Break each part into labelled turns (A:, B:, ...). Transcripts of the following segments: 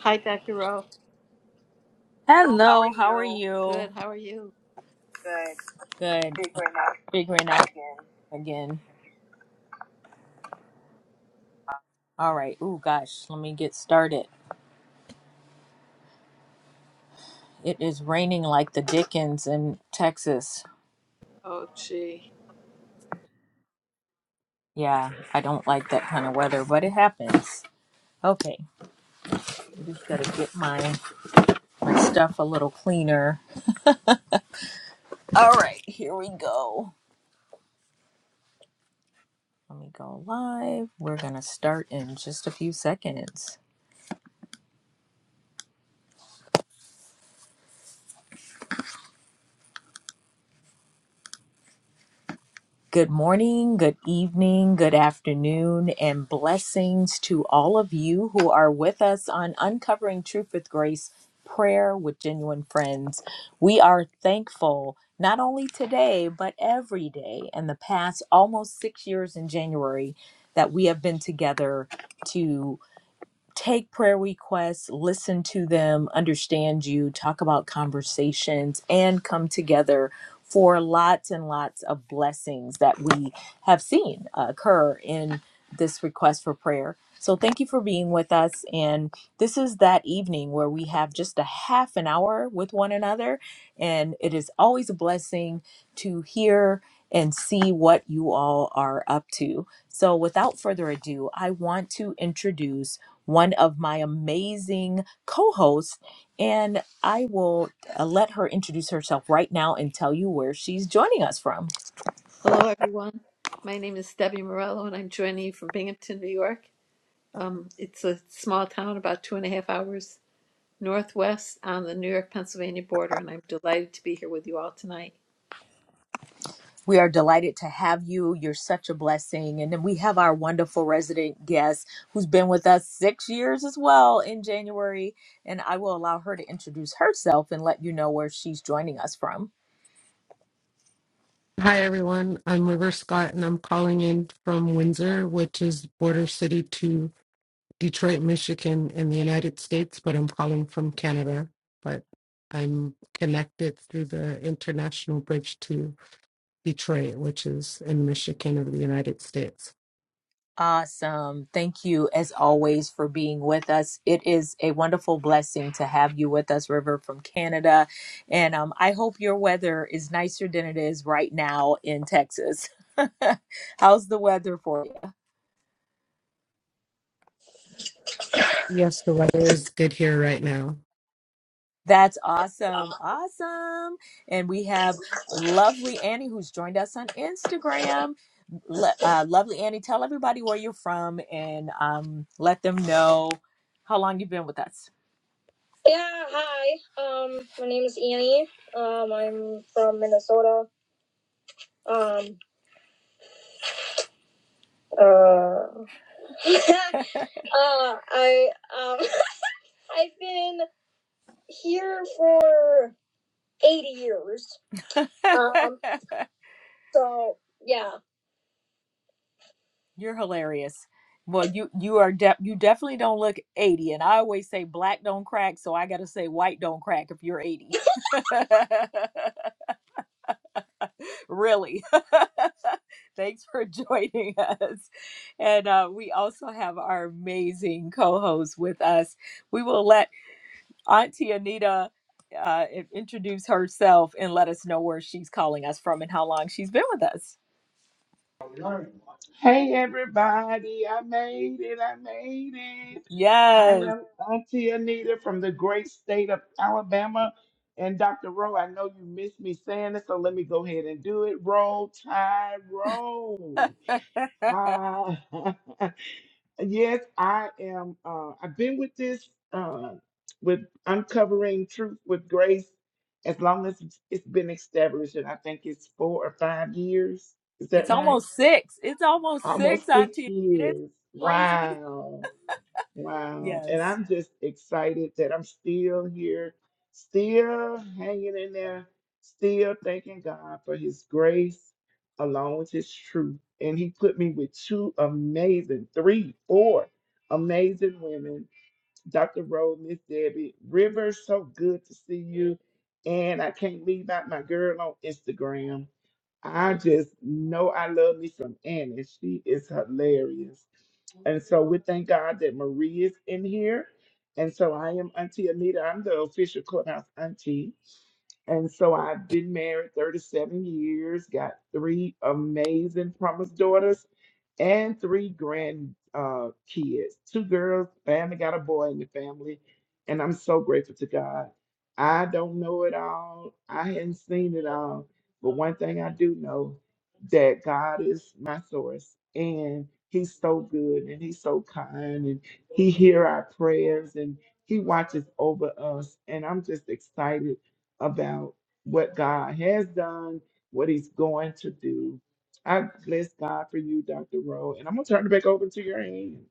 A: Hi, Dr. Rowe. Hello, how are
B: Hello, how are
A: you?
B: you?
A: Good. How are you? Good.
B: Good.
A: Figuring out
B: Figuring out
A: again.
B: again. All right. Oh gosh, let me get started. It is raining like the dickens in Texas.
A: Oh, gee.
B: Yeah, I don't like that kind of weather, but it happens. Okay, I just gotta get my, my stuff a little cleaner. All right, here we go. Let me go live. We're gonna start in just a few seconds. Good morning, good evening, good afternoon, and blessings to all of you who are with us on Uncovering Truth with Grace Prayer with Genuine Friends. We are thankful not only today, but every day in the past almost six years in January that we have been together to take prayer requests, listen to them, understand you, talk about conversations, and come together for lots and lots of blessings that we have seen uh, occur in this request for prayer. So, thank you for being with us. And this is that evening where we have just a half an hour with one another. And it is always a blessing to hear and see what you all are up to. So, without further ado, I want to introduce one of my amazing co hosts, and I will uh, let her introduce herself right now and tell you where she's joining us from.
A: Hello, everyone. My name is Debbie Morello, and I'm joining you from Binghamton, New York. Um, it's a small town about two and a half hours northwest on the New York Pennsylvania border, and I'm delighted to be here with you all tonight.
B: We are delighted to have you. You're such a blessing. And then we have our wonderful resident guest who's been with us six years as well in January. And I will allow her to introduce herself and let you know where she's joining us from.
C: Hi everyone, I'm River Scott and I'm calling in from Windsor, which is border city to Detroit, Michigan in the United States, but I'm calling from Canada, but I'm connected through the international bridge to Detroit, which is in Michigan of the United States.
B: Awesome. Thank you, as always, for being with us. It is a wonderful blessing to have you with us, River from Canada. And um, I hope your weather is nicer than it is right now in Texas. How's the weather for you?
C: Yes, the weather is good here right now.
B: That's awesome. Awesome. And we have lovely Annie who's joined us on Instagram. Le- uh, lovely Annie, tell everybody where you're from and um, let them know how long you've been with us. Yeah, hi. Um, my name is Annie. Um, I'm from Minnesota. Um, uh, uh, I um, I've been here for eighty years. Um, so yeah, You're hilarious. Well, you you are de- you definitely don't look 80 and I always say black don't crack, so I got to say white don't crack if you're 80. really. Thanks for joining us. And uh, we also have our amazing co host with us. We will let Auntie Anita uh, in- introduce herself and let us know where she's calling us from and how long she's been with us.
D: Hey everybody, I made it, I made it. I
B: Yes.
D: am Auntie Anita from the great state of Alabama. And Dr. Rowe, I know you missed me saying this, so let me go ahead and do it. Roll tie, roll. Ah, yes, I am. Uh, I've been with this, uh, with uncovering truth with grace, as long as it's it's been established, and I think it's four or five years. Is that
B: it's
D: right?
B: almost six. It's almost six,
D: Almost six
B: Auntie Anita. Isn't that
D: years.
B: Crazy.
D: Wow. Wow. And
B: Yes.
D: I'm just excited that I'm still here, still hanging in there, still thanking God for his grace along with his truth. And he put me with two amazing, three, four amazing women. Dr. Rose, Miss Debbie, River, so good to see you. And I can't leave out my girl on Instagram. I just know I love me some Annie. She is hilarious. And so we thank God that Marie is in here. And so I am Auntie Anita. I'm the official clubhouse auntie. And so I've been married 37 years, got three amazing promised daughters and three grand uh, kids, two girls, family got a boy in the family. And I'm so grateful to God. I don't know it all. I hadn't seen it all. But one thing I do know that God is my source and he's so good and he's so kind and he hear our prayers and he watches over us. And I'm just excited about what God has done, what He's going to do. I bless God for you, Dr. Rowe. And I'm going to turn it back over to your hands.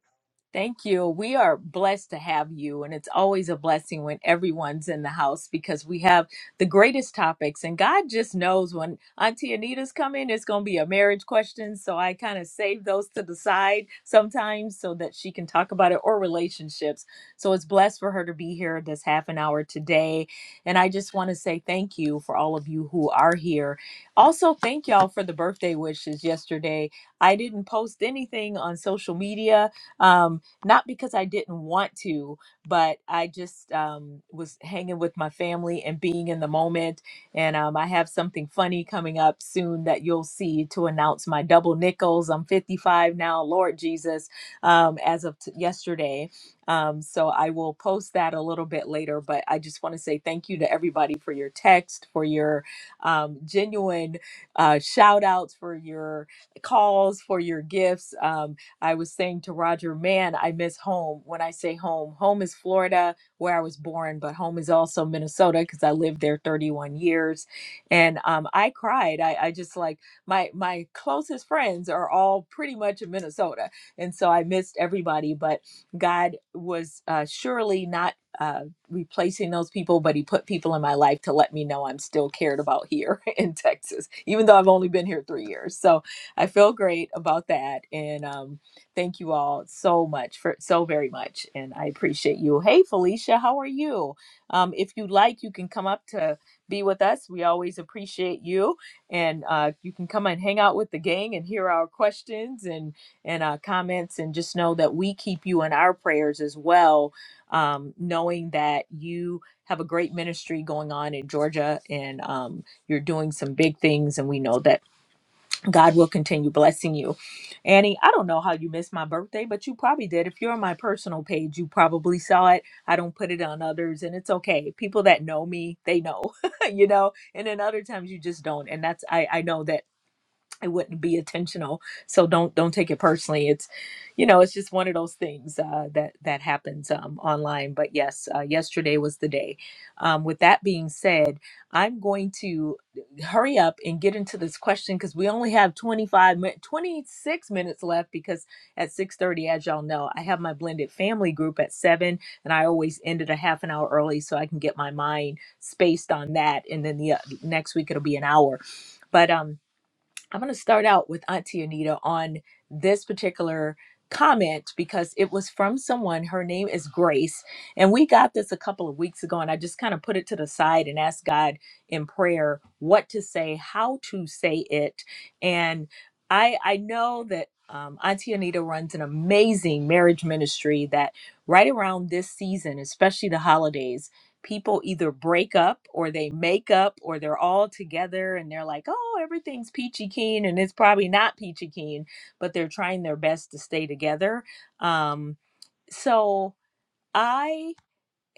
B: Thank you. We are blessed to have you. And it's always a blessing when everyone's in the house because we have the greatest topics. And God just knows when Auntie Anita's coming, it's going to be a marriage question. So I kind of save those to the side sometimes so that she can talk about it or relationships. So it's blessed for her to be here this half an hour today. And I just want to say thank you for all of you who are here. Also, thank y'all for the birthday wishes yesterday. I didn't post anything on social media. Um, not because I didn't want to, but I just um, was hanging with my family and being in the moment. And um, I have something funny coming up soon that you'll see to announce my double nickels. I'm 55 now, Lord Jesus, um, as of t- yesterday. Um, so I will post that a little bit later. But I just want to say thank you to everybody for your text, for your um, genuine uh, shout outs, for your calls, for your gifts. Um, I was saying to Roger, man, I miss home. When I say home, home is Florida, where I was born, but home is also Minnesota because I lived there 31 years. And um, I cried. I, I just like my my closest friends are all pretty much in Minnesota, and so I missed everybody. But God was uh, surely not. Uh, replacing those people, but he put people in my life to let me know I'm still cared about here in Texas, even though I've only been here three years. So I feel great about that. And um, Thank you all so much for so very much, and I appreciate you. Hey, Felicia, how are you? Um, if you'd like, you can come up to be with us. We always appreciate you, and uh, you can come and hang out with the gang and hear our questions and and uh, comments, and just know that we keep you in our prayers as well, um, knowing that you have a great ministry going on in Georgia, and um, you're doing some big things, and we know that God will continue blessing you. Annie, I don't know how you missed my birthday, but you probably did. If you're on my personal page, you probably saw it. I don't put it on others, and it's okay. People that know me, they know, you know. And then other times you just don't. And that's I I know that it wouldn't be intentional so don't don't take it personally it's you know it's just one of those things uh, that that happens um, online but yes uh, yesterday was the day um, with that being said i'm going to hurry up and get into this question because we only have 25 min- 26 minutes left because at 6.30 as y'all know i have my blended family group at 7 and i always end it a half an hour early so i can get my mind spaced on that and then the uh, next week it'll be an hour but um I'm going to start out with Auntie Anita on this particular comment because it was from someone. Her name is Grace. And we got this a couple of weeks ago, and I just kind of put it to the side and asked God in prayer what to say, how to say it. And I, I know that. Um, Auntie Anita runs an amazing marriage ministry that right around this season, especially the holidays, people either break up or they make up or they're all together and they're like, oh, everything's peachy keen and it's probably not peachy keen, but they're trying their best to stay together. Um, so I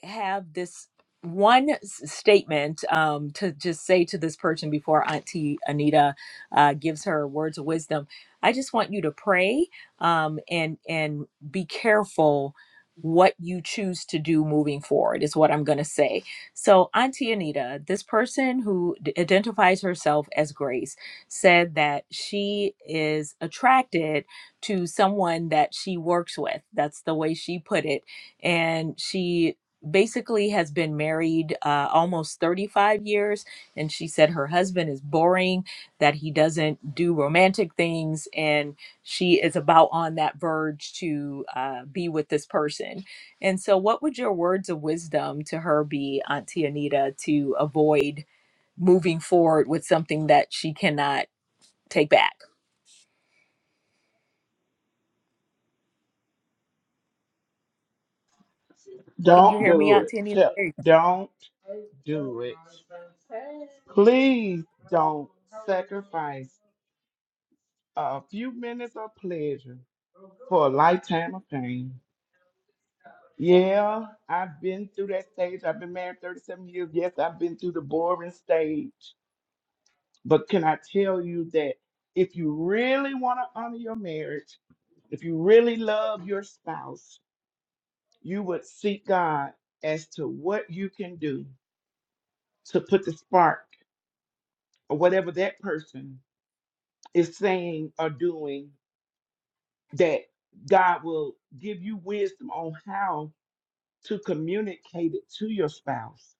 B: have this one s- statement um, to just say to this person before Auntie Anita uh, gives her words of wisdom. I just want you to pray um, and and be careful what you choose to do moving forward is what I'm going to say. So Auntie Anita, this person who d- identifies herself as Grace said that she is attracted to someone that she works with. That's the way she put it and she basically has been married uh, almost 35 years and she said her husband is boring that he doesn't do romantic things and she is about on that verge to uh, be with this person and so what would your words of wisdom to her be auntie anita to avoid moving forward with something that she cannot take back can you
D: Don't
B: hear me
D: do it.
B: auntie anita
D: Tell, Don't do it. Please don't sacrifice a few minutes of pleasure for a lifetime of pain. Yeah, I've been through that stage. I've been married 37 years. Yes, I've been through the boring stage. But can I tell you that if you really want to honor your marriage, If you really love your spouse, you would seek God as to what you can do to put the spark or whatever that person is saying or doing, that God will give you wisdom on how to communicate it to your spouse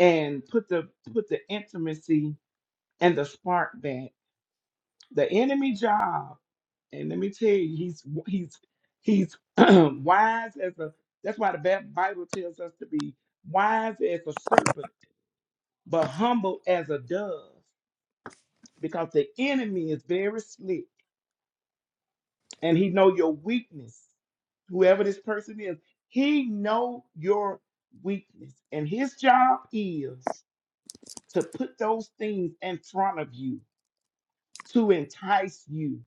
D: and put the put the intimacy and the spark back. The enemy job And let me tell you, he's he's he's wise as a. That's why the Ba- Bible tells us to be wise as a serpent, but humble as a dove, because the enemy is very slick, and he know your weakness. Whoever this person is, he know your weakness, and his job is to put those things in front of you to entice you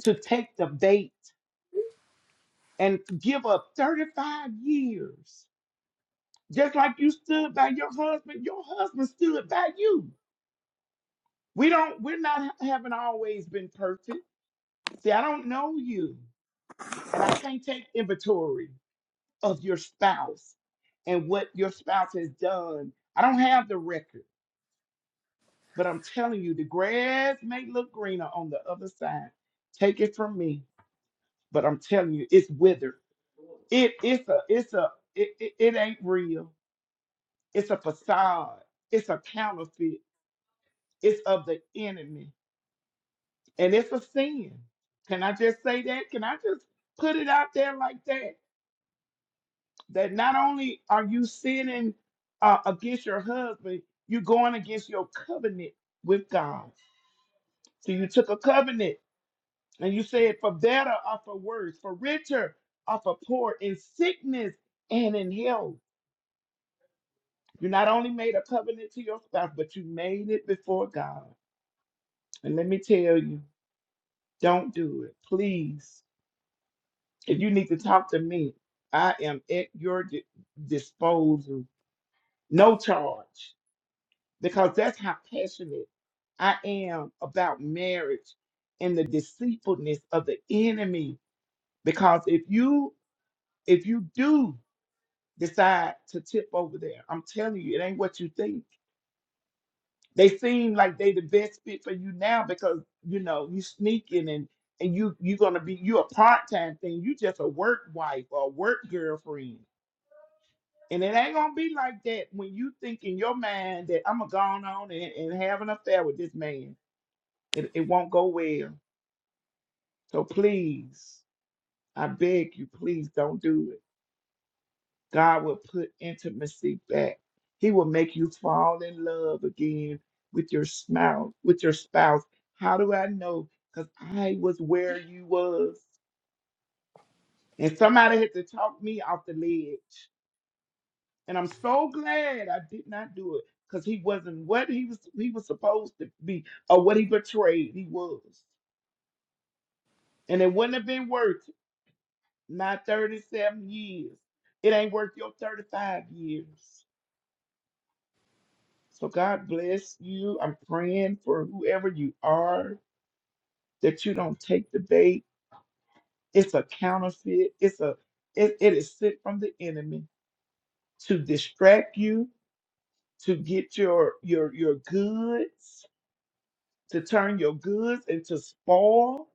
D: to take the bait and give up 35 years Just like you stood by your husband, your husband stood by you. We don't, we're not haven't always been perfect. See, I don't know you, and I can't take inventory of your spouse and what your spouse has done. I don't have the record, but I'm telling you, the grass may look greener on the other side. Take it from me, but I'm telling you, it's withered. It, it's a, it's a, it, it, it ain't real. It's a facade. It's a counterfeit. It's of the enemy And it's a sin. Can I just say that? Can I just put it out there like that? That not only are you sinning uh, against your husband, you're going against your covenant with God. So you took a covenant and you said, for better or for worse, for richer or for poor, in sickness and in health. You not only made a covenant to your spouse, but you made it before God. And let me tell you, don't do it. Please If you need to talk to me, I am at your di- disposal, no charge, because that's how passionate I am about marriage and the deceitfulness of the enemy. Because if you if you do decide to tip over there, I'm telling you, it ain't what you think. They seem like they the best fit for you now because you know you sneaking and and you you're gonna be you a part time thing. You just a work wife or a work girlfriend And it ain't gonna be like that when you think in your mind that I'm gonna go on and, and have an affair with this man. It, it won't go well. So please, I beg you, please don't do it. God will put intimacy back. He will make you fall in love again with your spouse, with your spouse. How do I know? Because I was where you was. And somebody had to talk me off the ledge. And I'm so glad I did not do it because he wasn't what he was he was supposed to be or what he betrayed he was. And it wouldn't have been worth my 37 years. It ain't worth your 35 years. So God bless you. I'm praying for whoever you are that you don't take the bait. It's a counterfeit. It's a it, it is sent from the enemy to distract you, to get your your your goods to turn your goods into spoil,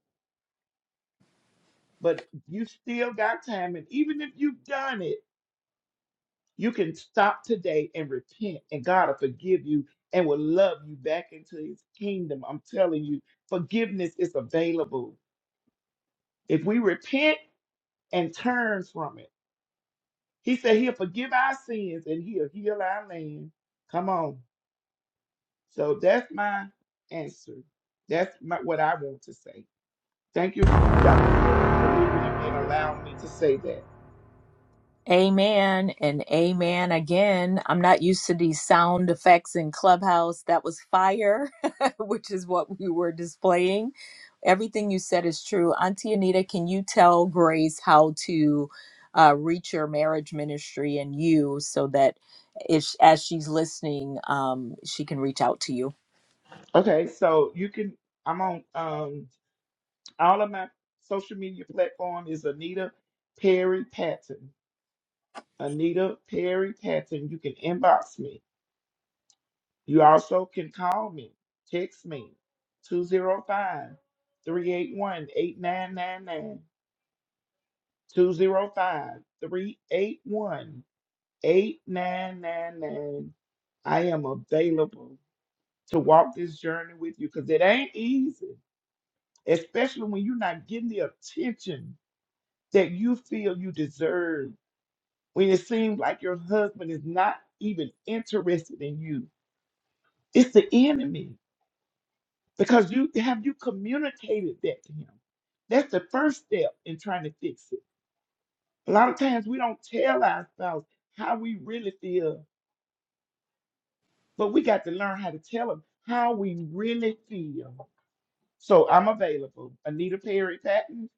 D: but you still got time. And even if you've done it, you can stop today and repent, and God will forgive you and will love you back into his kingdom. I'm telling you, forgiveness is available. If we repent and turn from it, he said he'll forgive our sins and he'll heal our land. Come on. So that's my answer. That's my, what I want to say. Thank you, Dr. Rose, for believing in me and allowing me to say that.
B: Amen and amen again. I'm not used to these sound effects in Clubhouse. That was fire, which is what we were displaying. Everything you said is true. Auntie Anita, can you tell Grace how to uh, reach your marriage ministry and you so that if, as she's listening, um, she can reach out to you?
D: Okay, so you can I'm on um all of my social media platform is Anita Perry Patton. Anita Perry Patton. You can inbox me. You also can call me, text me, 205 381 I am available. to walk this journey with you because it ain't easy, especially when you're not getting the attention that you feel you deserve, when it seems like your husband is not even interested in you. It's the enemy because you have you communicated that to him. That's the first step in trying to fix it. A lot of times we don't tell ourselves how we really feel, but we got to learn how to tell them how we really feel So I'm available. Anita Perry Patton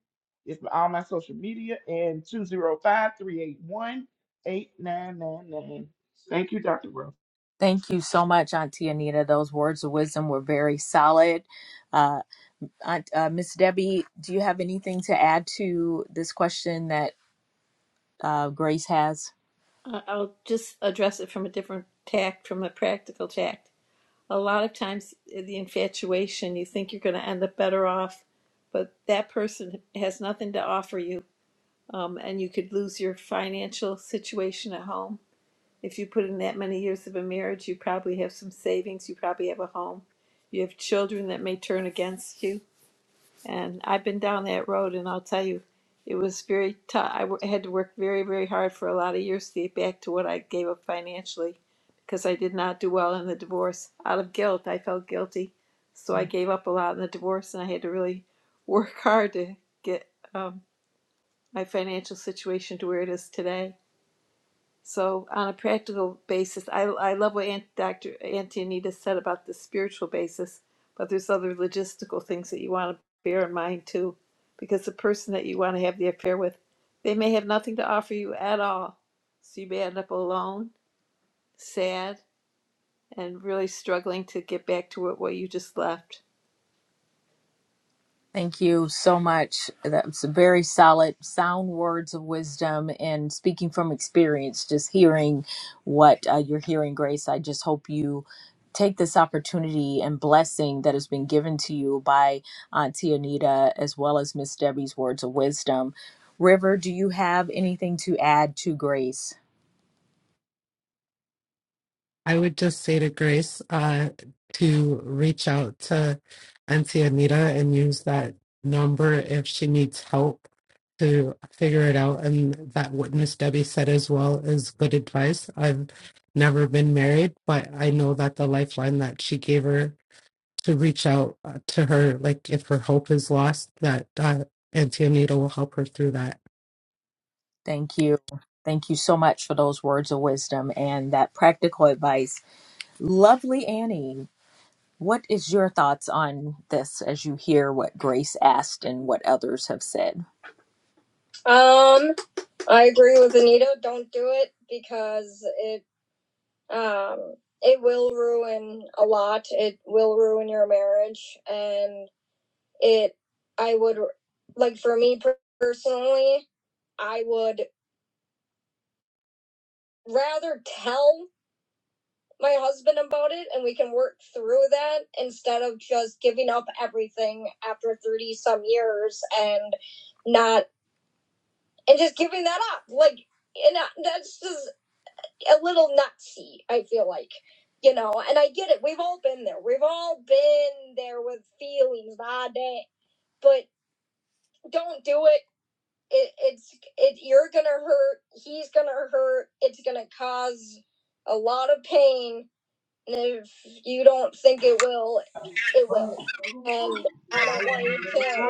D: is on my social media and two zero five three eight one eight nine nine nine. Thank you, Dr. Ruff.
B: Thank you so much, Auntie Anita. Those words of wisdom were very solid. Uh, Aunt, uh, Miss Debbie, do you have anything to add to this question that uh, Grace has?
A: Uh, I'll just address it from a different tack, from a practical tack. a lot of times eh, the infatuation you think you're going to end up better off but that person has nothing to offer you um, and you could lose your financial situation at home if you put in that many years of a marriage you probably have some savings you probably have a home you have children that may turn against you and I've been down that road, and I'll tell you, it was very tough. I wo- had to work very, very hard for a lot of years to get back to what I gave up financially because I did not do well in the divorce. Out of guilt, I felt guilty. So I
B: Yeah.
A: gave up a lot in the divorce, and I had to really work hard to get um, my financial situation to where it is today. So, on a practical basis, I, I love what Aunt, Dr. Auntie Anita said about the spiritual basis, but there's other logistical things that you want to bear in mind too, because the person that you want to have the affair with, they may have nothing to offer you at all. So, you may end up alone, sad, and really struggling to get back to what, what you just left.
B: Thank you so much. That's very solid, sound words of wisdom and speaking from experience, just hearing what uh, you're hearing, Grace. I just hope you take this opportunity and blessing that has been given to you by Auntie Anita, as well as Miss Debbie's words of wisdom. River, do you have anything to add to Grace?
C: I would just say to Grace uh, to reach out to Auntie Anita and use that number if she needs help to figure it out. And that what Miss Debbie said as well is good advice. I've never been married, but I know that the lifeline that she gave her to reach out uh, to her, like if her hope is lost, that uh, Auntie Anita will help her through that.
B: Thank you. Thank you so much for those words of wisdom and that practical advice. Lovely Annie, what is your thoughts on this as you hear what Grace asked and what others have said? Um, I agree with Anita. Don't do it because it um it will ruin a lot. It will ruin your marriage, and it I would like for me per- personally, I would rather tell my husband about it and we can work through that instead of just giving up everything after 30 some years and not and just giving that up like and that- that's just a little nutsy i feel like you know and i get it we've all been there we've all been there with feelings that day but don't do it it, it's it you're gonna hurt he's gonna hurt it's gonna cause a lot of pain And if you don't think it will, it will. And I don't want you to,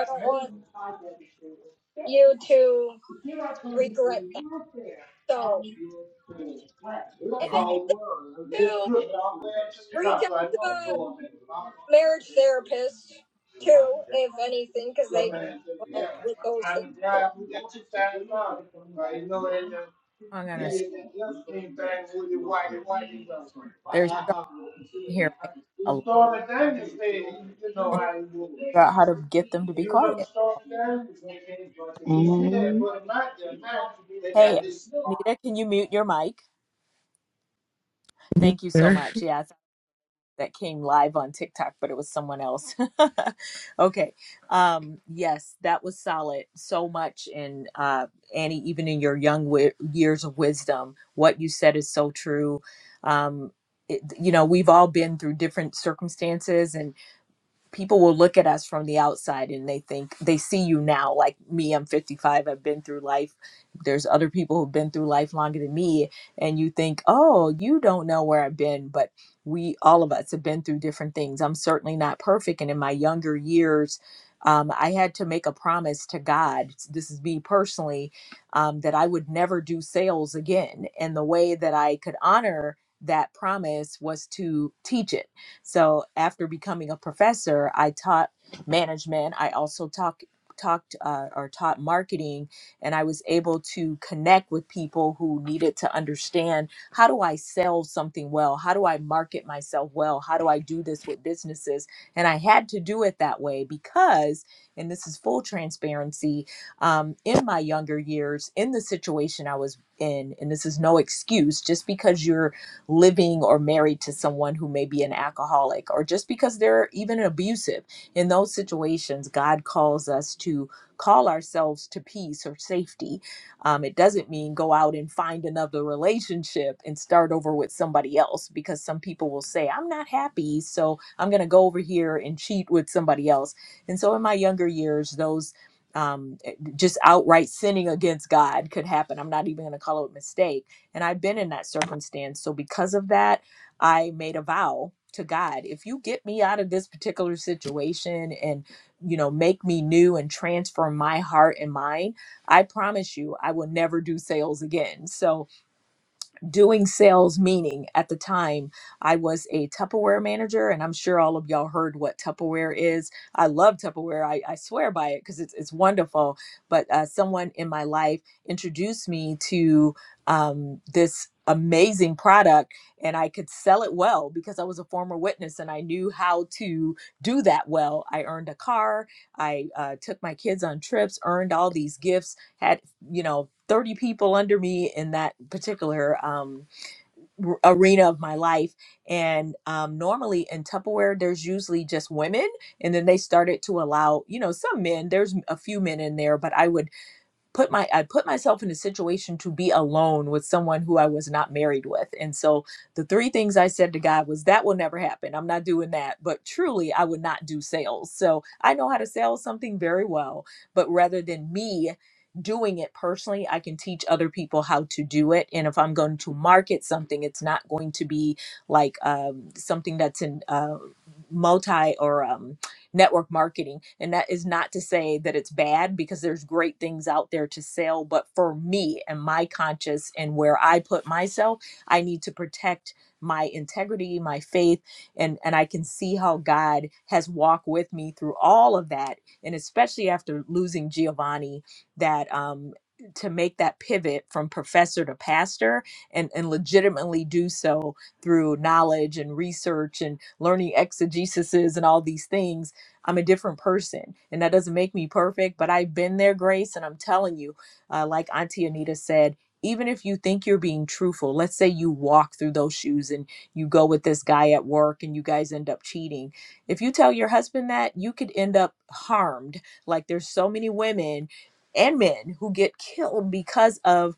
B: I don't want you to regret that. So, if Yeah. any do, reach out to a marriage therapist too, if anything, because they can help with those things too. I'm gonna say there's someone here making a lot
D: You know
B: and
D: how it was.
B: figure out how to get them to be
D: You remember
B: quiet.
D: Stormy Daniels? She had hmm put him out there, That
B: Hey,
D: that just
B: Anita, can you mute your mic? Thank you so
C: Sure.
B: much. Yes. that came live on TikTok, but it was someone else. okay. Um, yes, that was solid. So much in uh, Annie, even in your young wi- years of wisdom, what you said is so true. Um, it, you know, we've all been through different circumstances and people will look at us from the outside and they think they see you now like me i'm 55 i've been through life there's other people who've been through life longer than me and you think oh you don't know where i've been but we all of us have been through different things i'm certainly not perfect and in my younger years um, i had to make a promise to god this is me personally um, that i would never do sales again and the way that i could honor that promise was to teach it so after becoming a professor, I taught management. I also talk, talked uh, or taught marketing, and I was able to connect with people who needed to understand how do I sell something well? How do I market myself well? How do I do this with businesses? And I had to do it that way because, and this is full transparency, um, in my younger years, in the situation I was in, and this is no excuse, just because you're living or married to someone who may be an alcoholic or just because they're even abusive. In those situations, God calls us to call ourselves to peace or safety. Um, it doesn't mean go out and find another relationship and start over with somebody else because some people will say, I'm not happy, so I'm going to go over here and cheat with somebody else. And so in my younger years, those um, eh, just outright sinning against God could happen. I'm not even going to call it a mistake and I've been in that circumstance. So because of that, I made a vow to God, if you get me out of this particular situation and you know, make me new and transform my heart and mind, I promise you I will never do sales again. So doing sales meaning at the time i was a tupperware manager and i'm sure all of y'all heard what tupperware is i love tupperware i, I swear by it because it's, it's wonderful but uh, someone in my life introduced me to um, this amazing product and i could sell it well because i was a former witness and i knew how to do that well i earned a car i uh, took my kids on trips earned all these gifts had you know 30 people under me in that particular um, r- arena of my life and um, normally in tupperware there's usually just women and then they started to allow you know some men there's a few men in there but i would put my I put myself in a situation to be alone with someone who I was not married with. And so the three things I said to God was that will never happen. I'm not doing that. But truly I would not do sales. So I know how to sell something very well, but rather than me doing it personally, I can teach other people how to do it. And if I'm going to market something, it's not going to be like um, something that's in uh, multi or um, network marketing. And that is not to say that it's bad because there's great things out there to sell. But for me and my conscience and where I put myself, I need to protect my integrity, my faith, and and I can see how God has walked with me through all of that, and especially after losing Giovanni, that um to make that pivot from professor to pastor and and legitimately do so through knowledge and research and learning exegesis and all these things I'm a different person, and that doesn't make me perfect, but I've been there, Grace. And I'm telling you, uh, like Auntie Anita said, even if you think you're being truthful, let's say you walk through those shoes and you go with this guy at work and you guys end up cheating. If you tell your husband that, you could end up harmed. Like there's so many women and men who get killed because of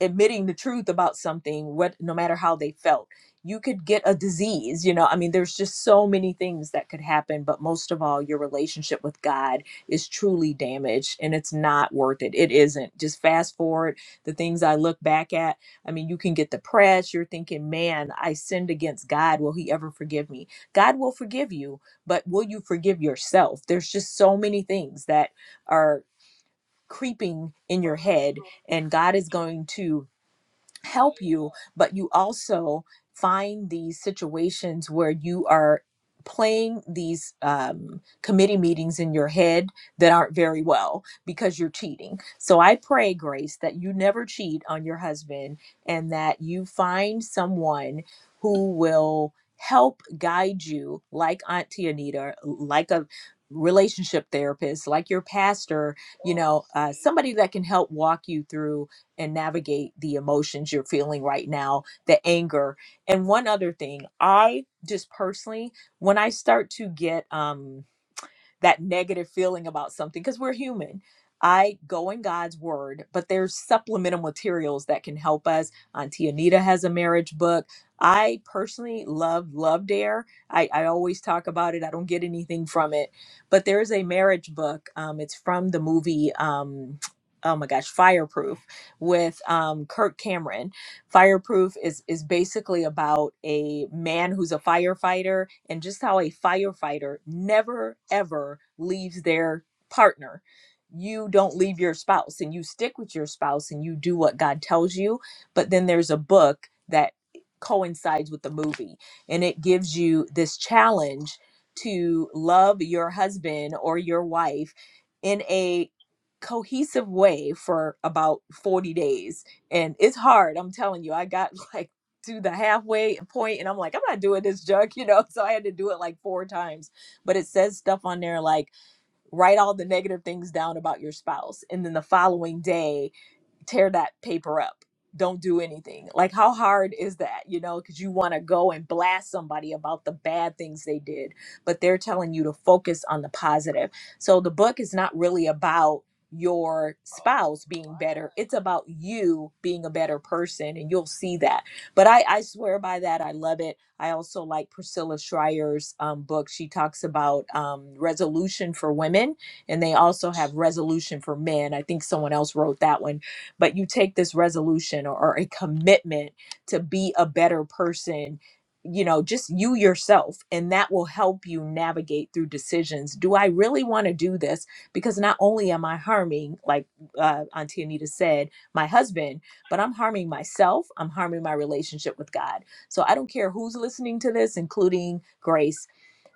B: admitting the truth about something what no matter how they felt you could get a disease you know i mean there's just so many things that could happen but most of all your relationship with god is truly damaged and it's not worth it it isn't just fast forward the things i look back at i mean you can get depressed. you're thinking man i sinned against god will he ever forgive me god will forgive you but will you forgive yourself there's just so many things that are creeping in your head and god is going to help you, but you also find these situations where you are playing these um, committee meetings in your head that aren't very well because you're cheating. So I pray, Grace, that you never cheat on your husband and that you find someone who will help guide you, like Auntie Anita, like a relationship therapist, like your pastor, you know, uh, somebody that can help walk you through and navigate the emotions you're feeling right now, the anger. And one other thing, I just personally, when I start to get, um, that negative feeling about something because we're human. I go in God's word, but there's supplemental materials that can help us. Auntie Anita has a marriage book. I personally love Love Dare. I, I always talk about it. I don't get anything from it, but there is a marriage book. Um, it's from the movie, um, oh my gosh, Fireproof with um, Kirk Cameron Fireproof is is basically about a man who's a firefighter and just how a firefighter never ever leaves their partner. You don't leave your spouse and you stick with your spouse and you do what God tells you, but then there's a book that coincides with the movie and it gives you this challenge to love your husband or your wife in a cohesive way for about 40 days and it's hard i'm telling you i got like to the halfway point and i'm like i'm not doing this junk you know so i had to do it like four times but it says stuff on there like write all the negative things down about your spouse and then the following day tear that paper up don't do anything like how hard is that you know because you want to go and blast somebody about the bad things they did but they're telling you to focus on the positive so the book is not really about your spouse being better it's about you being a better person and you'll see that but i i swear by that i love it i also like priscilla schreier's um, book she talks about um, resolution for women and they also have resolution for men i think someone else wrote that one but you take this resolution or, or a commitment to be a better person you know just you yourself and that will help you navigate through decisions do i really want to do this because not only am i harming like uh, auntie anita said my husband but i'm harming myself i'm harming my relationship with god so i don't care who's listening to this including grace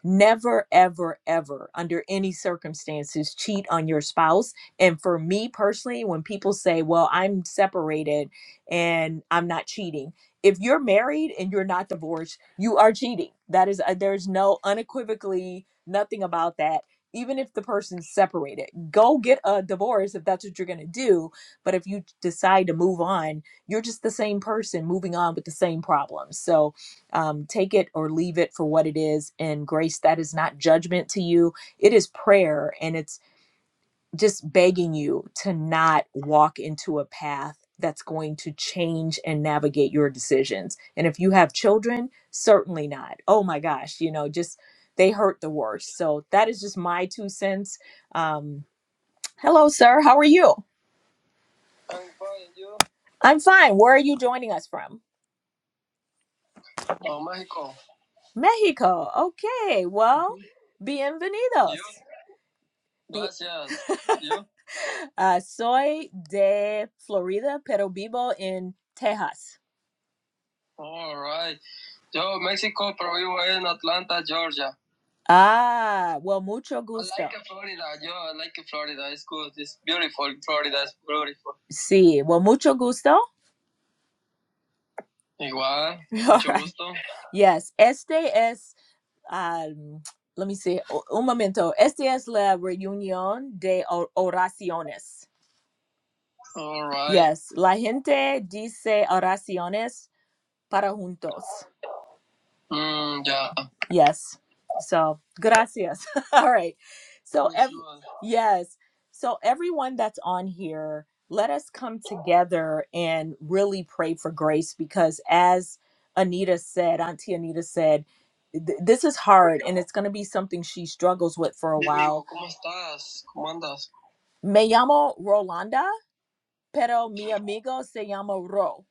B: Never, ever, ever, under any circumstances, cheat on your spouse. And for me personally, when people say, Well, I'm separated and I'm not cheating, if you're married and you're not divorced, you are cheating. That is, uh, there's no unequivocally nothing about that. Even if the person's separated, go get a divorce if that's what you're going to do. But if you decide to move on, you're just the same person moving on with the same problems. So, um, take it or leave it for what it is in grace that is not judgment to you it is prayer and it's just begging you to not walk into a path that's going to change and navigate your decisions and if you have children certainly not oh my gosh you know just they hurt the worst so that is just my two cents um, hello sir how are you? I'm fine. you i'm fine where are you joining us from Oh, Mexico. Mexico. Okay, well, bienvenidos. Bi- uh, soy de Florida, pero vivo en Texas. All right. Yo Mexico, pero vivo en Atlanta, Georgia. Ah, well, mucho gusto. I like like Florida. Florida. Florida Yo It's It's good. beautiful. beautiful. Florida is beautiful. Sí, well, mucho gusto. Igual. All right. gusto. Yes, este es um, let me see. Un momento. Esta es la reunión de oraciones. All right. Yes, la gente dice oraciones para juntos. Mm, yeah. Yes. So, gracias. All right. So, ev- sure. yes. So, everyone that's on here, let us come together and really pray for grace because, as Anita said, Auntie Anita said, th- this is hard and it's going to be something she struggles with for a Mi while. amigo, ¿cómo estás? ¿Cómo andas? Me llamo Rolanda, pero mi amigo se llama Ro.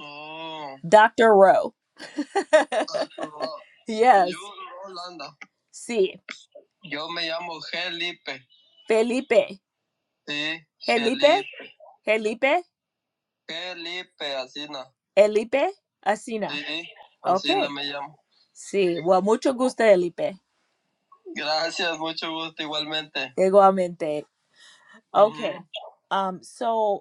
B: Oh, Dr. Ro. Yes. Yo, Rolanda. Sí. Yo me llamo Felipe. Felipe. Sí, Felipe. Felipe. Felipe. Felipe, Asina. Felipe. Asina. Sí, Asina Ok. me llamo. Sí. Bueno, mucho gusto, Felipe. Gracias, mucho gusto igualmente. Igualmente. Ujú. Okay. Mm. Um, so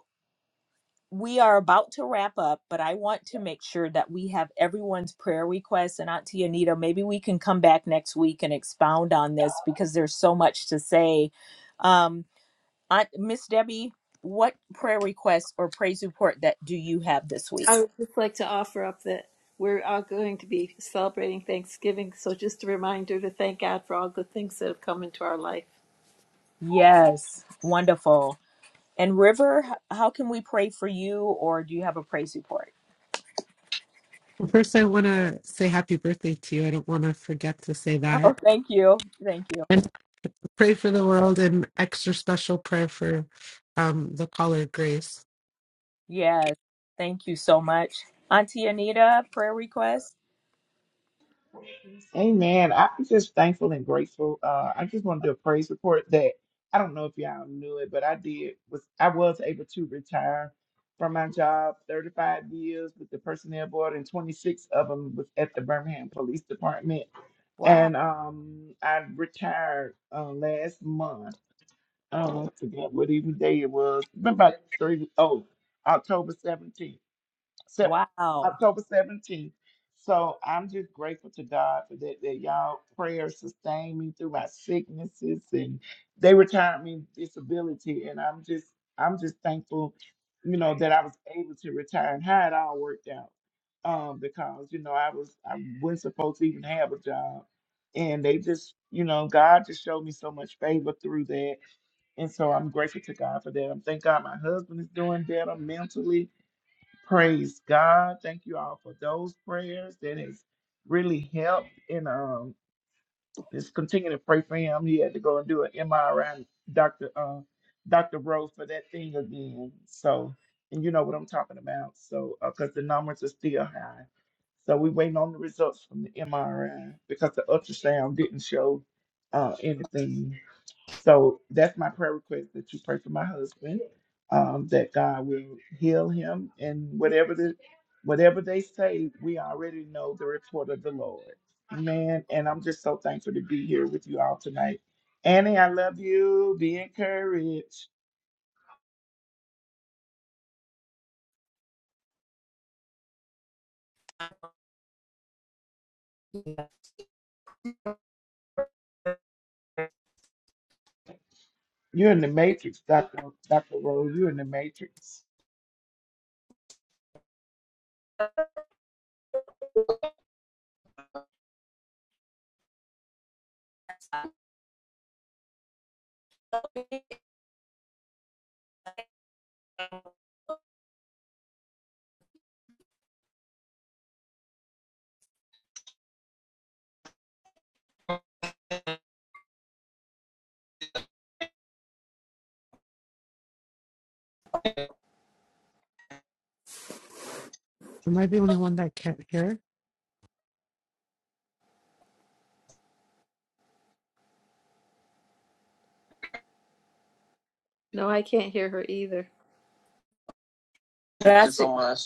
B: we are about to wrap up, but I want to make sure that we have everyone's prayer requests. And Auntie Anita, maybe we can come back next week and expound on this because there's so much to say. Um, Aunt Miss Debbie, what prayer request or praise report that do you have this week?
A: I would just like to offer up that we're all going to be celebrating Thanksgiving, so just a reminder to thank God for all the things that have come into our life.
B: Yes, wonderful. And River, h- how can we pray for you, or do you have a praise report?
C: Well, First, I want to say happy birthday to you. I don't want to forget to say
B: Oh,
C: that.
B: thank you, thank you.
C: And pray for the world and extra special prayer for um the caller Grace.
B: Yes, thank you so much, Auntie Anita. Prayer request.
D: Amen. I'm just thankful and grateful. Uh, I just want to do a praise report that I don't know if y'all knew it, but I did was I was able to retire from my job 35 years with the personnel board and 26 of them was at the Birmingham Police Department.
B: Wow.
D: And um, I retired uh, last month Oh, I forgot what even day it was. Been about three, oh, October 17th. Sep-
B: Wow.
D: October 17th. So I'm just grateful to God for that, that y'all prayers sustained me through my sicknesses and they retired me disability. And I'm just, I'm just thankful, you know, that I was able to retire and how it all worked out. Um, because, you know, I was, I wasn't supposed to even have a job. And they just, you know, God just showed me so much favor through that and so I'm grateful to God for that. I'm thank God my husband is doing better mentally. Praise God. Thank you all for those prayers that has really helped. And um just continue to pray for him. He had to go and do an MRI, Dr. Uh, Dr. Rose for that thing again. So, and you know what I'm talking about. So, because the numbers are still high. So we waiting on the results from the MRI because the ultrasound didn't show uh, anything. So that's my prayer request that you pray for my husband, um, that God will heal him and whatever the whatever they say, we already know the report of the Lord. Amen. And I'm just so thankful to be here with you all tonight. Annie, I love you. Be encouraged. You're in the matrix, Dr. Dr. Rose. You're in the matrix.
C: Am I the only one that can't hear?
A: No, I can't hear her either.
B: Gracias. So much.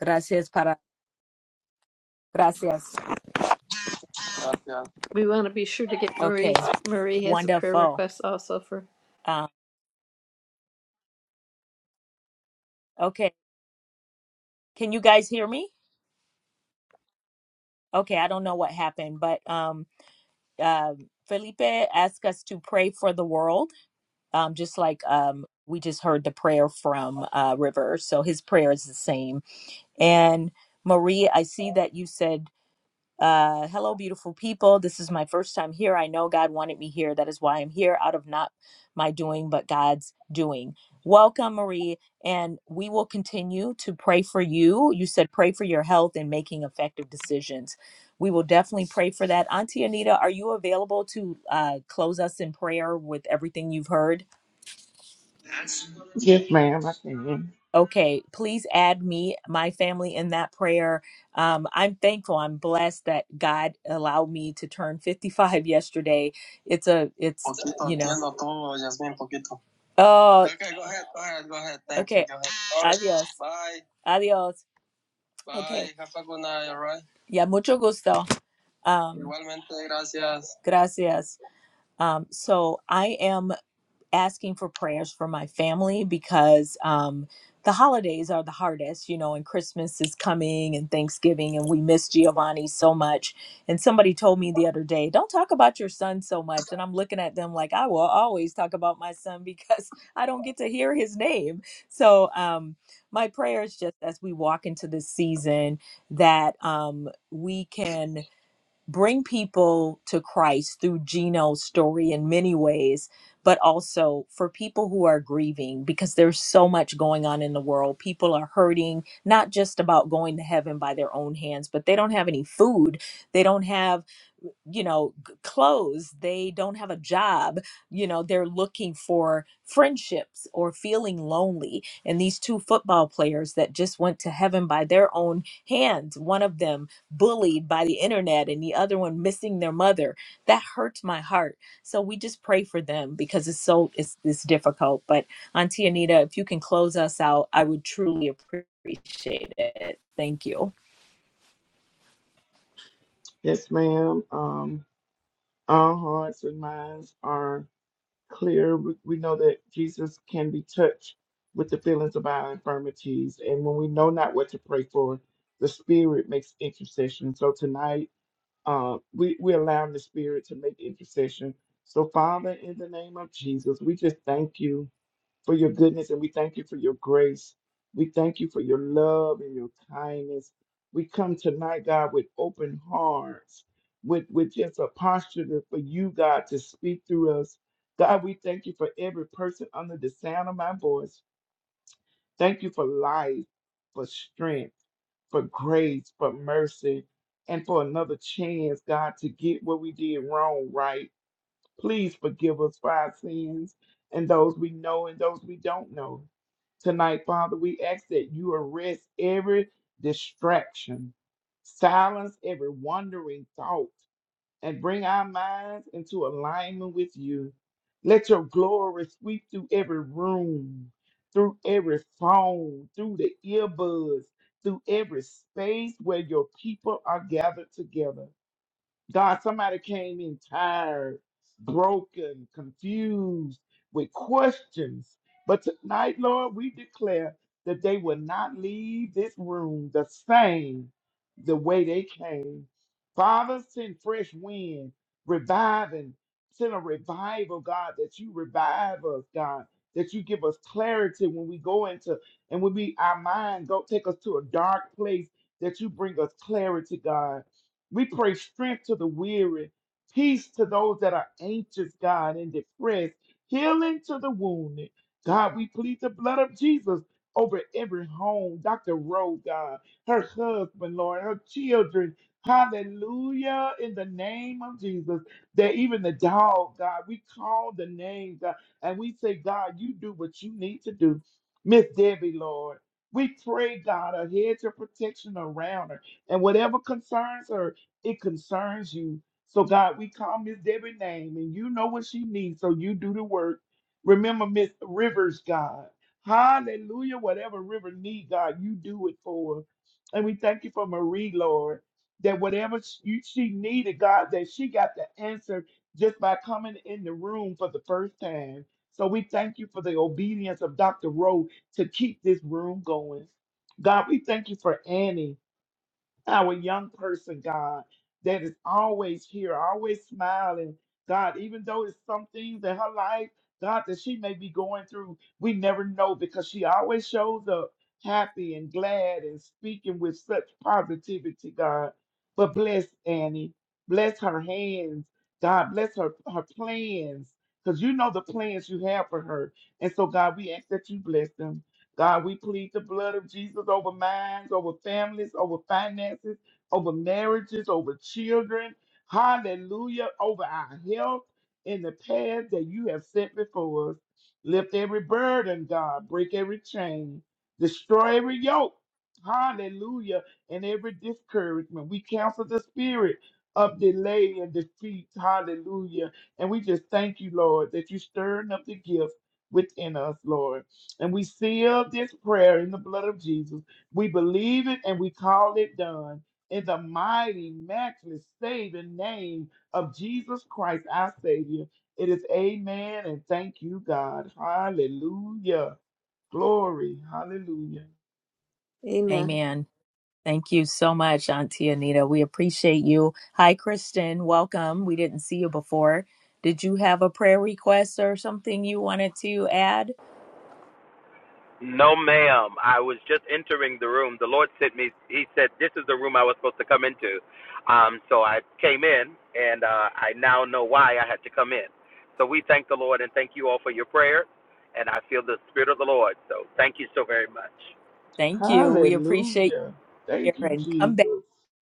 B: Gracias para gracias. Gracias.
A: We want to be sure to get
B: Okay.
A: Marie. Marie has a prayer
B: Wonderful.
A: request also for.
B: Um, okay. Can you guys hear me? Okay, I don't know what happened, but um uh, Felipe asked us to pray for the world. Um, just like um we just heard the prayer from uh River. So his prayer is the same. And Marie, I see that you said Uh, hello, beautiful people. This is my first time here. I know God wanted me here. That is why I'm here, out of not my doing, but God's doing. Welcome, Marie. And we will continue to pray for you. You said pray for your health and making effective decisions. We will definitely pray for that. Auntie Anita, are you available to uh, close us in prayer with everything you've heard?
D: Yes, ma'am. I can.
B: Okay, please add me, my family, in that prayer. Um, I'm thankful. I'm blessed that God allowed me to turn 55 yesterday. It's a, it's, Poquito, you know. entiendo todo, Yasmin, poquito. Oh. Okay, go ahead, go ahead, go ahead. Thank you, okay. go ahead. All right, Adios. Bye. Adios. Bye. Okay. Have a good night, all right? Yeah, mucho gusto. Um, Igualmente, gracias. Gracias. Um, so I am asking for prayers for my family because um, the holidays are the hardest, you know, and Christmas is coming and Thanksgiving, and we miss Giovanni so much. And somebody told me the other day, don't talk about your son so much. And I'm looking at them like, I will always talk about my son because I don't get to hear his name. So, um, my prayers, just as we walk into this season that um, we can bring people to Christ through Gino's story in many ways, but also for people who are grieving because there's so much going on in the world. People are hurting, not just about going to heaven by their own hands, but they don't have any food. They don't have you know g- clothes they don't have a job you know they're looking for friendships or feeling lonely and these two football players that just went to heaven by their own hands one of them bullied by the internet and the other one missing their mother that hurts my heart so we just pray for them because it's so it's, it's difficult but auntie anita if you can close us out i would truly appreciate it thank you
D: Yes, ma'am. Um, our hearts and minds are. clear. We we know that Jesus can be touched with the feelings of our infirmities. And when we know not what to pray for, the Spirit makes intercession. So tonight, uh, we, we allow the Spirit to make intercession. So, Father, in the name of Jesus, we just thank you for your goodness and we thank you for your grace. We thank you for your love and your kindness. We come tonight, God, with open hearts, with, with just a posture to- for you, God, to speak through us. God, we thank you for every person under the sound of my voice. Thank you for life, for strength, for grace, for mercy, and for another chance, God, to get what we did wrong right. Please forgive us for our sins and those we know and those we don't know. Tonight, Father, we ask that you arrest every distraction, silence every wandering thought, and bring our minds into alignment with you. Let your glory sweep through every room, through every phone, through the earbuds, through every space where your people are gathered together. God, somebody came in tired, broken, confused, with questions. But tonight, Lord, we declare that they will not leave this room the same the way they came. Father, send fresh wind, revive and send a revival, God, that you revive us, God, that you give us clarity when we go into and when we our mind go take us to a dark place, that you bring us clarity, God. We pray strength to the weary, peace to those that are anxious, God, and depressed, healing to the wounded. God, we plead the blood of Jesus over every home. Dr. Rowe, God, her husband, Lord, her children. Hallelujah, in the name of Jesus. That even the dog, God, we call the name, God, and we say, God, you do what you need to do. Miss Debbie, Lord, we pray, God, a hedge of protection around her and whatever concerns her. It concerns you. So, God, we call Miss Debbie's name and you know what she needs, so you do the work. Remember Miss Rivers, God. Hallelujah. Whatever River need, God, you do it for her. And we thank you for Marie, Lord, that whatever sh- you, she needed, God, that she got the answer just by coming in the room for the first time. So we thank you for the obedience of Dr. Rowe to keep this room going. God, we thank you for Annie our young person, God, that is always here, always smiling. God, even though it's some things in her life, God, that she may be going through, we never know because she always shows up happy and glad and speaking with such positivity, God. But bless Annie, bless her hands, God, bless her, her plans, because you know the plans you have for her. And so, God, we ask that you bless them. God, we plead the blood of Jesus over minds, over families, over finances, over marriages, over children. Hallelujah. Over our health in the path that you have set before us. Lift every burden, God. Break every chain. Destroy every yoke. Hallelujah. And every discouragement. We cancel the spirit of delay and defeat. Hallelujah. And we just thank you, Lord, that you're stirring up the gift within us, Lord. And we seal this prayer in the blood of Jesus. We believe it and we call it done in the mighty, matchless, saving name of Jesus Christ, our Savior. It is amen and thank you, God. Hallelujah. Glory. Hallelujah.
A: Amen.
B: amen thank you so much auntie anita we appreciate you hi kristen welcome we didn't see you before did you have a prayer request or something you wanted to add
E: No, ma'am. I was just entering the room. The Lord sent me. He said, "This is the room I was supposed to come into." Um, so I came in, and uh, I now know why I had to come in. So we thank the Lord and thank you all for your prayers. And I feel the spirit of the Lord. So thank you so very much.
B: thank you we appreciate you
D: Hallelujah. Thank
B: here
D: you,
B: and come back
D: Jesus.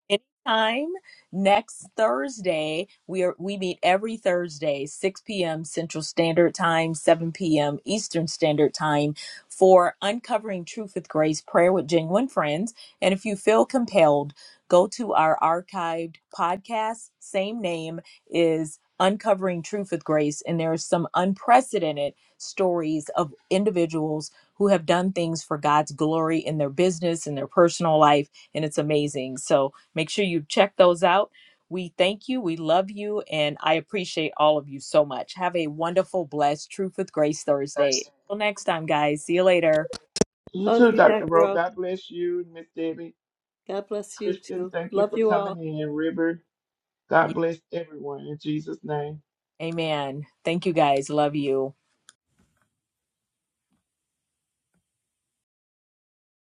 B: Anytime next Thursday, we are we meet every Thursday, 6 p.m. Central Standard Time, 7 p.m. Eastern Standard Time for Uncovering Truth with Grace Prayer with Genuine Friends. And if you feel compelled, go to our archived podcast. Same name is Uncovering Truth with Grace. And there are some unprecedented stories of individuals who have done things for God's glory in their business, in their personal life, and it's amazing. So Make sure you check those out. We thank you. We love you. And I appreciate all of you so much. Have a wonderful, blessed Truth with Grace Thursday. Until next time, guys. See you later.
D: You
A: Love
D: too,
A: you,
D: Dr.
A: Dr.
D: Rowe.
A: Rose.
D: God bless you, Miss Debbie.
A: God bless you
D: Kristen,
A: too.
D: thank you
A: Love
D: for
A: you all.
D: coming in. River, God
B: Yeah,
D: bless everyone in Jesus' name.
B: amen. Thank you, guys. Love you.